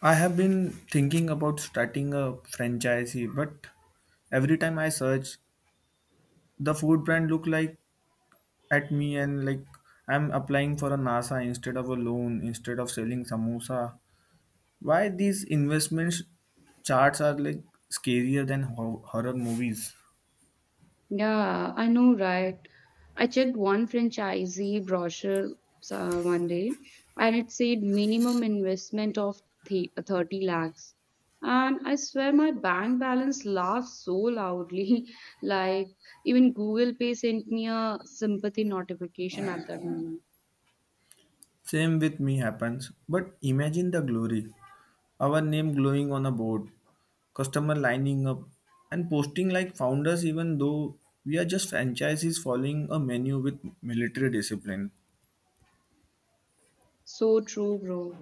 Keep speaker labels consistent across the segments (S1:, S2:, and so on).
S1: I have been thinking about starting a franchisee, but every time I search, the food brand look like at me and like I'm applying for a NASA instead of a loan, instead of selling samosa. Why these investments charts are like scarier than horror movies?
S2: Yeah, I know, right? I checked one franchisee brochure one day, and it said minimum investment of 30 lakhs. And I swear my bank balance laughed so loudly. Like, even Google Pay sent me a sympathy notification at that moment.
S1: Same with me happens, but imagine the glory. Our name glowing on a board, customer lining up, and posting like founders, even though we are just franchises following a menu with military discipline.
S2: So true, bro.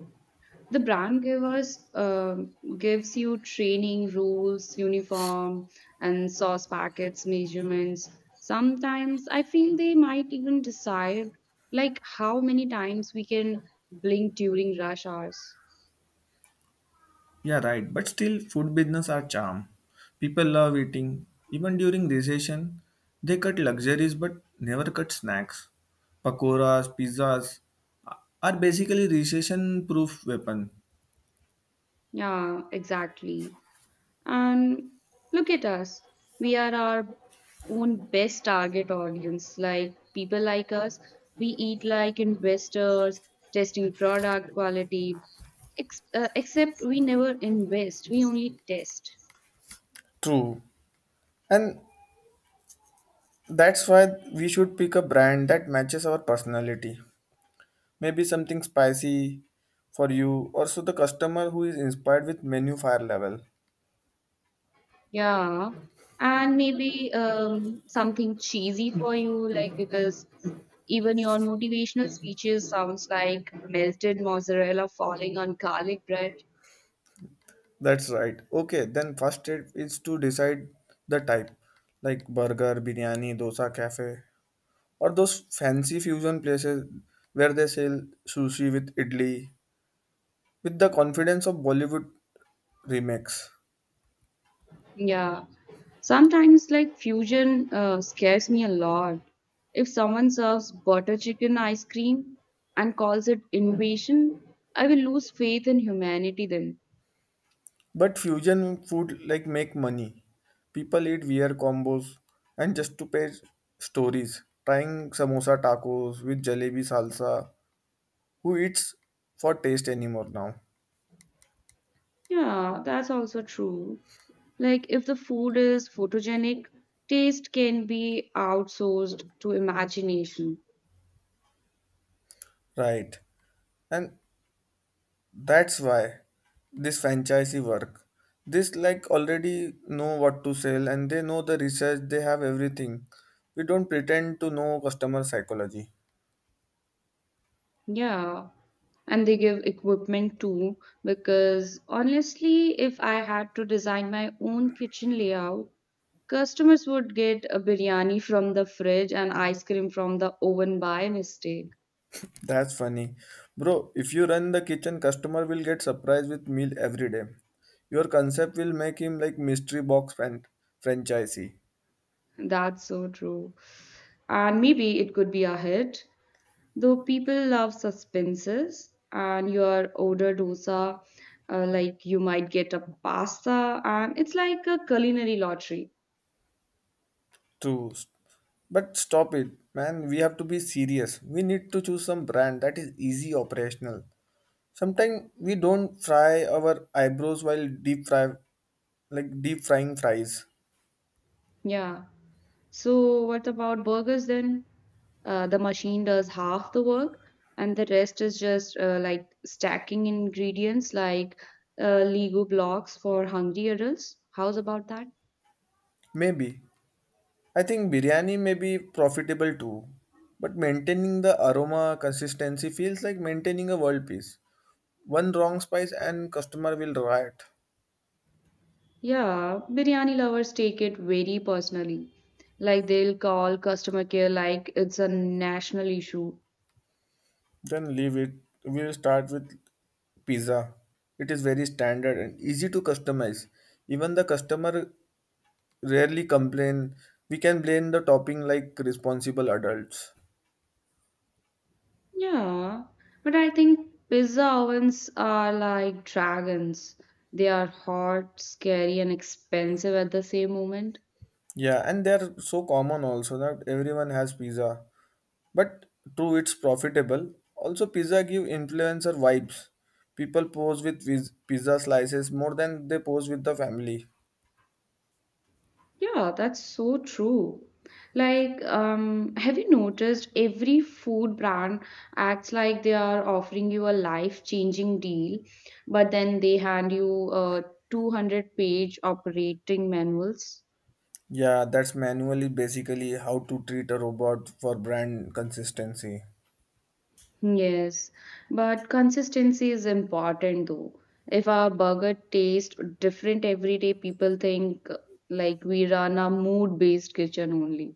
S2: The brand givers gives you training rules, uniform, and sauce packets measurements. Sometimes I feel they might even decide like how many times we can blink during rush hours.
S1: Yeah, right. But still, food business are charm. People love eating. Even during recession, they cut luxuries but never cut snacks. Pakoras, pizzas are basically recession-proof weapon.
S2: Yeah, exactly. And look at us. We are our own best target audience. Like people like us, we eat like investors, testing product quality, except we never invest, we only test.
S1: True. And that's why we should pick a brand that matches our personality. Maybe something spicy for you, or so the customer who is inspired with menu fire level.
S2: Yeah. And maybe something cheesy for you, like because even your motivational speeches sounds like melted mozzarella falling on garlic bread.
S1: That's right. Okay, then first step is to decide the type, like burger, biryani, dosa, cafe, or those fancy fusion places where they sell sushi with idli, with the confidence of Bollywood remakes.
S2: Yeah, sometimes like fusion scares me a lot. If someone serves butter chicken ice cream and calls it innovation, I will lose faith in humanity then.
S1: But fusion food like make money. People eat weird combos and just to pay stories. Trying samosa tacos with jalebi salsa. Who eats for taste anymore now?
S2: Yeah, that's also true. Like if the food is photogenic, taste can be outsourced to imagination.
S1: Right. And that's why this franchisee work. This like already know what to sell and they know the research, they have everything. We don't pretend to know customer psychology.
S2: Yeah, and they give equipment too, because honestly, if I had to design my own kitchen layout, customers would get a biryani from the fridge and ice cream from the oven by mistake.
S1: That's funny. Bro, if you run the kitchen, customer will get surprised with meal every day. Your concept will make him like mystery box fan franchisee.
S2: That's so true. And maybe it could be a hit, though people love suspenses. And your order dosa, like you might get a pasta, and it's like a culinary lottery.
S1: True. But stop it, man. We have to be serious. We need to choose some brand that is easy operational. Sometimes we don't fry our eyebrows while deep fry like deep frying fries.
S2: Yeah. So what about burgers then? The machine does half the work, and the rest is just like stacking ingredients like Lego blocks for hungry adults. How's about that?
S1: Maybe. I think biryani may be profitable too. But maintaining the aroma consistency feels like maintaining a world peace. One wrong spice and customer will riot.
S2: Yeah, biryani lovers take it very personally. Like they'll call customer care like it's a national issue.
S1: Then leave it, we'll start with pizza. It is very standard and easy to customize. Even the customer rarely complain. We can blame the topping like responsible adults.
S2: Yeah, but I think pizza ovens are like dragons. They are hot, scary, and expensive at the same moment.
S1: Yeah, and they're so common also that everyone has pizza, but true, it's profitable also. Pizza give influencer vibes. People pose with pizza slices more than they pose with the family.
S2: Yeah, that's so true. Like, have you noticed every food brand acts like they are offering you a life-changing deal, but then they hand you a 200-page operating manuals?
S1: Yeah, that's manually basically how to treat a robot for brand consistency.
S2: Yes, but consistency is important though. If our burger tastes different every day, people think like we run a mood-based kitchen only.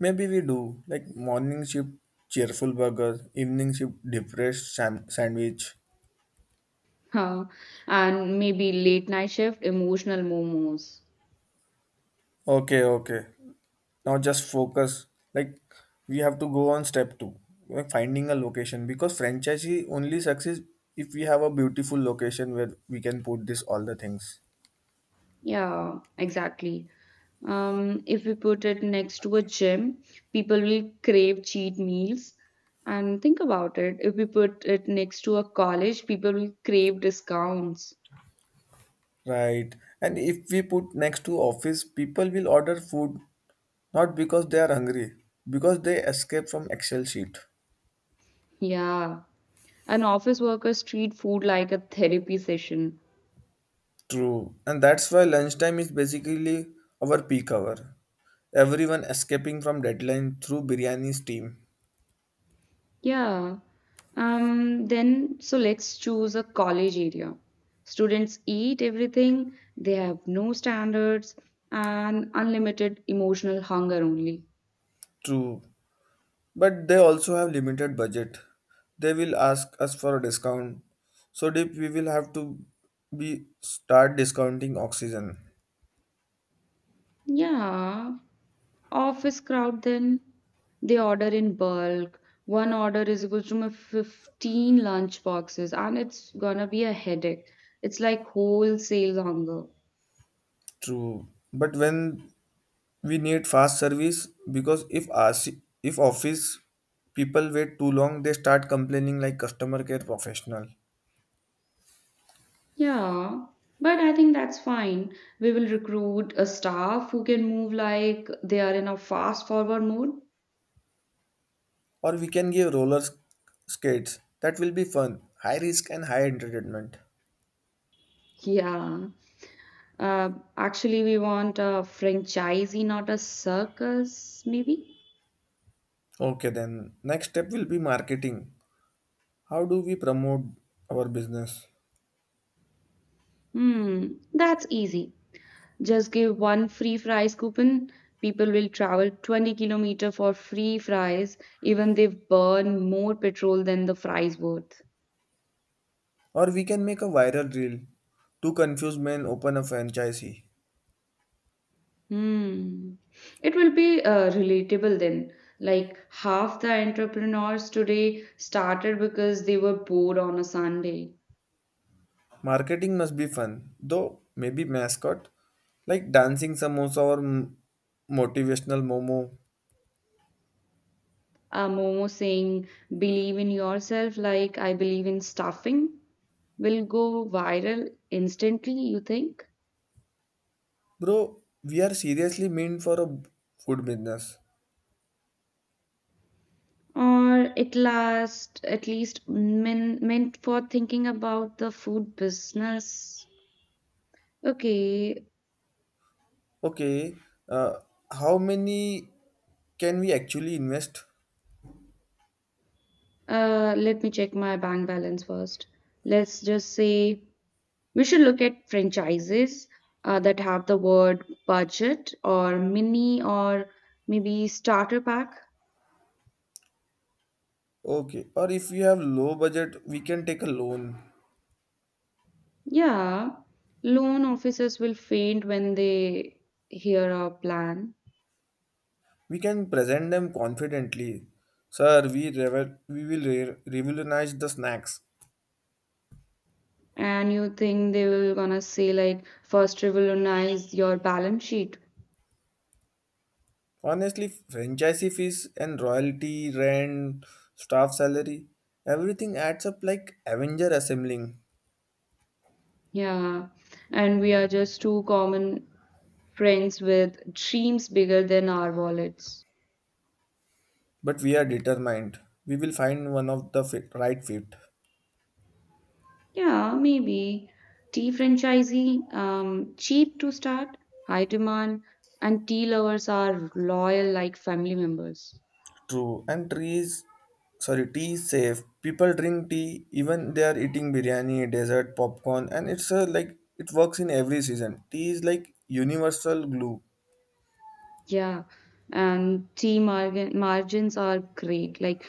S1: Maybe we do like morning shift cheerful burger, evening shift depressed sandwich.
S2: Huh. And maybe late night shift, emotional momos.
S1: Okay, okay. Now just focus. Like we have to go on step two, like finding a location because franchisee only succeeds if we have a beautiful location where we can put this all the things.
S2: Yeah, exactly. If we put it next to a gym, people will crave cheat meals. And think about it, if we put it next to a college, people will crave discounts.
S1: Right. And if we put next to office, people will order food not because they are hungry, because they escape from Excel sheet.
S2: Yeah. An office workers treat food like a therapy session.
S1: True. And that's why lunchtime is basically our peak hour. Everyone escaping from deadline through biryani steam.
S2: Yeah. Then, so let's choose a college area. Students eat everything, they have no standards and unlimited emotional hunger only.
S1: True. But they also have limited budget. They will ask us for a discount. So deep we will have to be start discounting oxygen.
S2: Yeah. Office crowd then they order in bulk. One order is equal to my 15 lunch boxes and it's gonna be a headache. It's like wholesale hunger.
S1: True. But when we need fast service, because if us, if office people wait too long, they start complaining like customer care professional.
S2: Yeah, but I think that's fine. We will recruit a staff who can move like they are in a fast forward mode.
S1: Or we can give roller skates. That will be fun, high risk and high entertainment.
S2: Yeah. Uh, actually, we want a franchisee, not a circus, maybe?
S1: Okay, then next step will be marketing. How do we promote our business?
S2: Hmm, that's easy. Just give one free fries coupon. People will travel 20 kilometer for free fries, even they burn more petrol than the fries worth.
S1: Or we can make a viral reel to confuse men open a franchisee.
S2: Hmm. It will be relatable then. Like half the entrepreneurs today started because they were bored on a Sunday.
S1: Marketing must be fun, though maybe mascot like dancing samosa or motivational momo.
S2: Momo saying, believe in yourself like I believe in stuffing, will go viral instantly, you think?
S1: Bro, we are seriously meant for a food business.
S2: Or at last, at least men, meant for thinking about the food business. Okay.
S1: Okay, uh, how many can we actually invest?
S2: Uh, let me check my bank balance first. Let's just say we should look at franchises that have the word budget or mini or maybe starter pack.
S1: Okay, or if we have low budget, we can take a loan.
S2: Yeah, loan officers will faint when they hear our plan.
S1: We can present them confidently. Sir, we revel- we will re- revolutionize the snacks.
S2: And you think they will gonna say, like, first revolutionize your balance sheet.
S1: Honestly, franchisee fees and royalty, rent, staff salary, everything adds up like Avenger assembling.
S2: Yeah, and we are just two common friends with dreams bigger than our wallets.
S1: But we are determined. We will find one of the fit, right fit.
S2: Yeah, maybe tea franchisee, cheap to start, high demand, and tea lovers are loyal like family members.
S1: True. And trees, sorry, tea is safe. People drink tea even they are eating biryani, dessert, popcorn, and it's a, like it works in every season. Tea is like universal glue.
S2: Yeah, and tea margin margins are great. Like,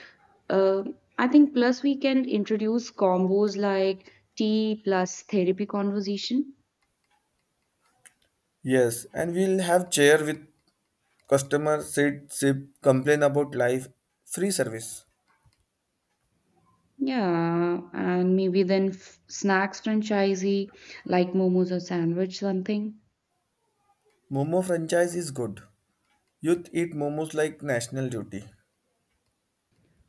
S2: uh, I think plus we can introduce combos like tea plus therapy conversation.
S1: Yes, and we'll have chair with customer, sit, sip, complain about life, free service.
S2: Yeah, and maybe then f snacks franchisee like momos or sandwich something.
S1: Momo franchise is good. Youth eat momos like national duty.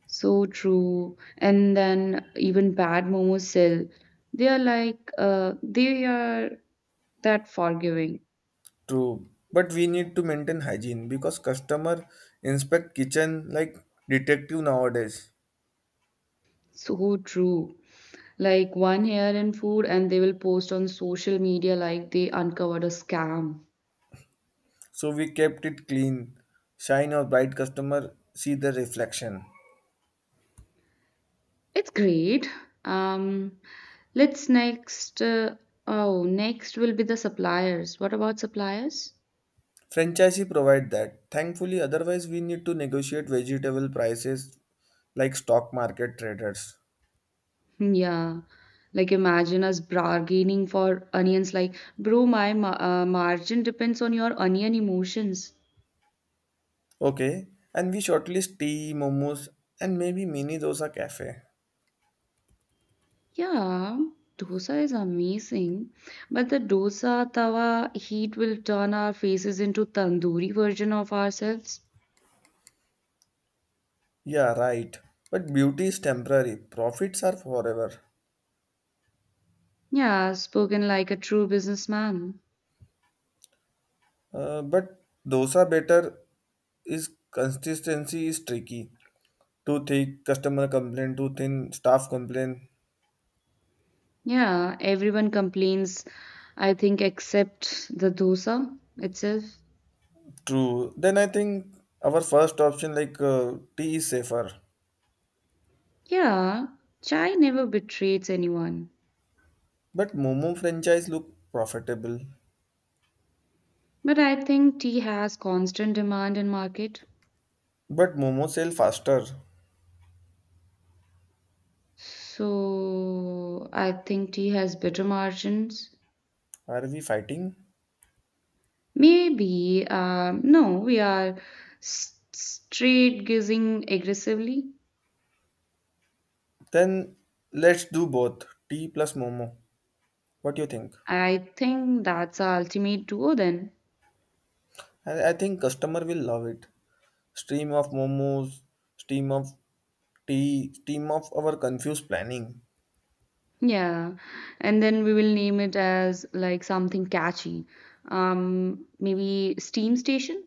S2: So true. And then even bad momos sell. They are like they are that forgiving.
S1: True. But we need to maintain hygiene because customer inspect kitchen like detective nowadays.
S2: So true. Like one hair in food, and they will post on social media like they uncovered a scam.
S1: So we kept it clean. Shine or bright customer see the reflection.
S2: It's great. Um, let's next. Oh, next will be the suppliers. What about suppliers?
S1: Franchisee provide that. Thankfully, otherwise we need to negotiate vegetable prices like stock market traders.
S2: Hmm, yeah. Like imagine us bargaining for onions. Like, bro, my margin depends on your onion emotions.
S1: Okay. And we shortlist tea, momos and maybe mini dosa cafe.
S2: Yeah, dosa is amazing, but the dosa tawa heat will turn our faces into tandoori version of ourselves.
S1: Yeah, right. But beauty is temporary, profits are forever.
S2: Yeah, spoken like a true businessman.
S1: But dosa better is consistency is tricky. Too thick, customer complain, too thin, staff complain.
S2: Yeah, everyone complains, I think, except the dosa itself.
S1: True. Then I think our first option like tea is safer.
S2: Yeah, chai never betrays anyone,
S1: But Momo franchise look profitable.
S2: but I think tea has constant demand in market.
S1: But Momo sell faster.
S2: So I think tea has better margins.
S1: Are we fighting?
S2: Maybe, no, we are straight gazing aggressively.
S1: Then let's do both, tea plus Momo. What do you think?
S2: I think that's our ultimate duo then.
S1: I think customer will love it. Stream of momos, stream of tea, stream of our confused planning.
S2: Yeah, and then we will name it as like something catchy. Maybe steam station.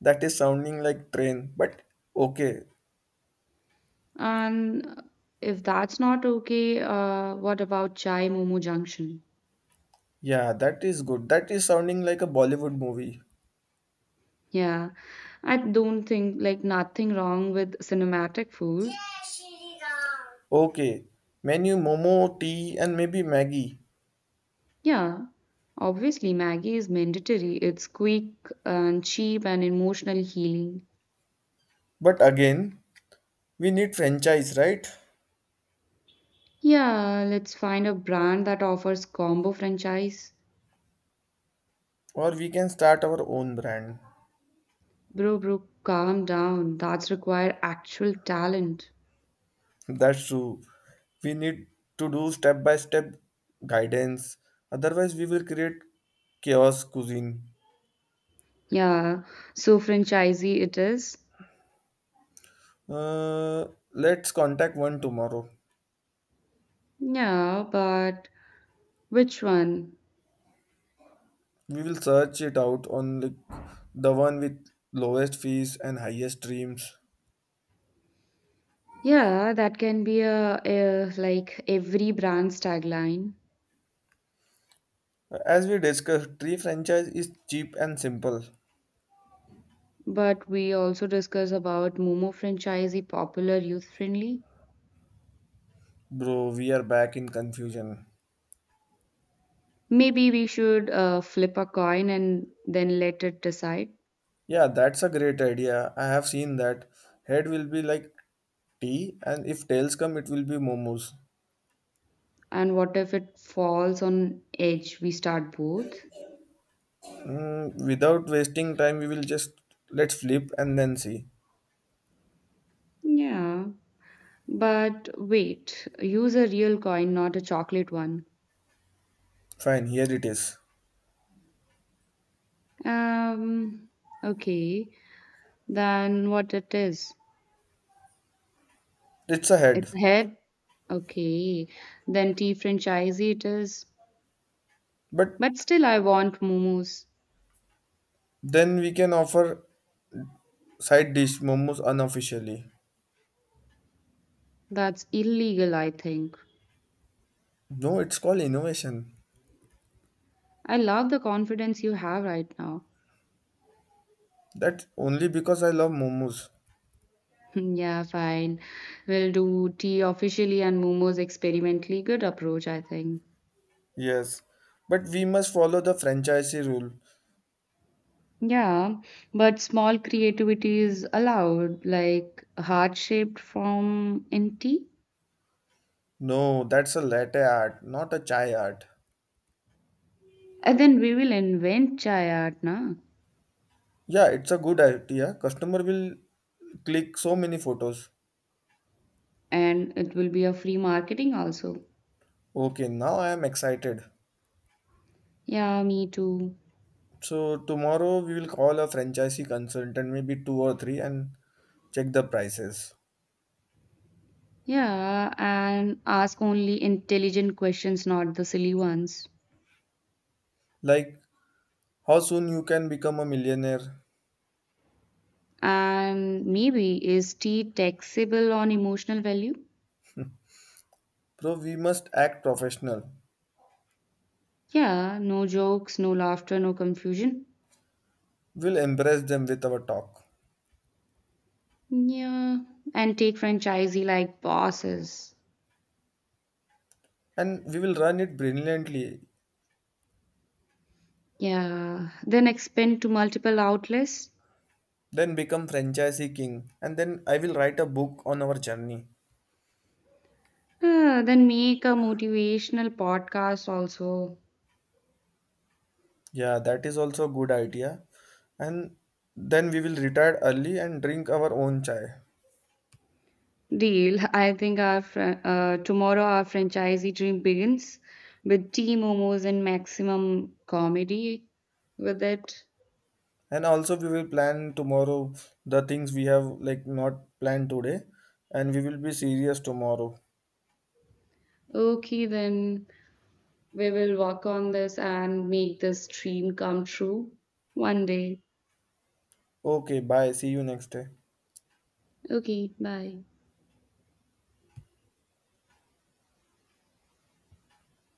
S1: That is sounding like train, but okay.
S2: And if that's not okay, what about chai momo junction?
S1: Yeah, that is good. That is sounding like a Bollywood movie.
S2: Yeah, I don't think like nothing wrong with cinematic food.
S1: Okay, menu momo, tea, and maybe Maggie.
S2: Yeah, obviously, Maggie is mandatory. It's quick and cheap and emotional healing.
S1: But again, we need franchise, right?
S2: Yeah, let's find a brand that offers combo franchise.
S1: Or we can start our own brand.
S2: Bro, bro, calm down. That's require actual talent.
S1: That's true. We need to do step by step guidance. Otherwise, we will create chaos cuisine.
S2: Yeah, so franchisee it is.
S1: Uh, let's contact one tomorrow.
S2: Yeah, but which one?
S1: We will search it out on the one with lowest fees and highest dreams.
S2: Yeah, that can be a like every brand's tagline.
S1: As we discussed, tree franchise is cheap and simple.
S2: But we also discuss about Momo franchisee popular youth friendly.
S1: Bro, we are back in confusion.
S2: Maybe we should flip a coin and then let it decide.
S1: Yeah, that's a great idea. I have seen that. Head will be like tea, and if tails come, it will be momos.
S2: And what if it falls on edge? We start both.
S1: Mm, without wasting time, we will just let's flip and then see.
S2: Yeah. But wait, use a real coin, not a chocolate one.
S1: Fine, here it is.
S2: Um, okay. Then what it is?
S1: It's a
S2: It's
S1: head,
S2: a head. Okay. Then tea franchisee it is.
S1: but
S2: But still I want momos.
S1: then we can offer side dish momos unofficially.
S2: That's illegal, I think.
S1: No, it's called innovation.
S2: I love the confidence you have right now.
S1: That only because I love momos.
S2: Yeah, fine. We'll do tea officially and momos experimentally. Good approach, I think.
S1: Yes, but we must follow the franchisee rule.
S2: Yeah, but small creativity is allowed, like heart-shaped form in tea.
S1: No, that's a latte art, not a chai art.
S2: And then we will invent chai art, na?
S1: Yeah, it's a good idea. Customer will click so many photos.
S2: And it will be a free marketing also.
S1: Okay, now I am excited.
S2: Yeah, me too.
S1: So tomorrow we will call a franchisee consultant, maybe two or three, and check the prices.
S2: Yeah, and ask only intelligent questions, not the silly ones.
S1: Like how soon you can become a millionaire.
S2: And maybe is tea taxable on emotional value?
S1: Bro, we must act professional.
S2: Yeah, no jokes, no laughter, no confusion.
S1: We'll embrace them with our talk.
S2: Yeah, and take franchisee like bosses.
S1: And we will run it brilliantly.
S2: Yeah, then expand to multiple outlets.
S1: Then become franchisee king. And then I will write a book on our journey.
S2: Ah, then make a motivational podcast also.
S1: Yeah, that is also a good idea. And then we will retire early and drink our own chai.
S2: Deal. I think our tomorrow our franchisee dream begins with tea momos and maximum comedy with it.
S1: And also we will plan tomorrow the things we have like not planned today. And we will be serious tomorrow.
S2: Okay, then we will work on this and make this dream come true one day.
S1: Okay, bye. See you next day.
S2: Okay, bye.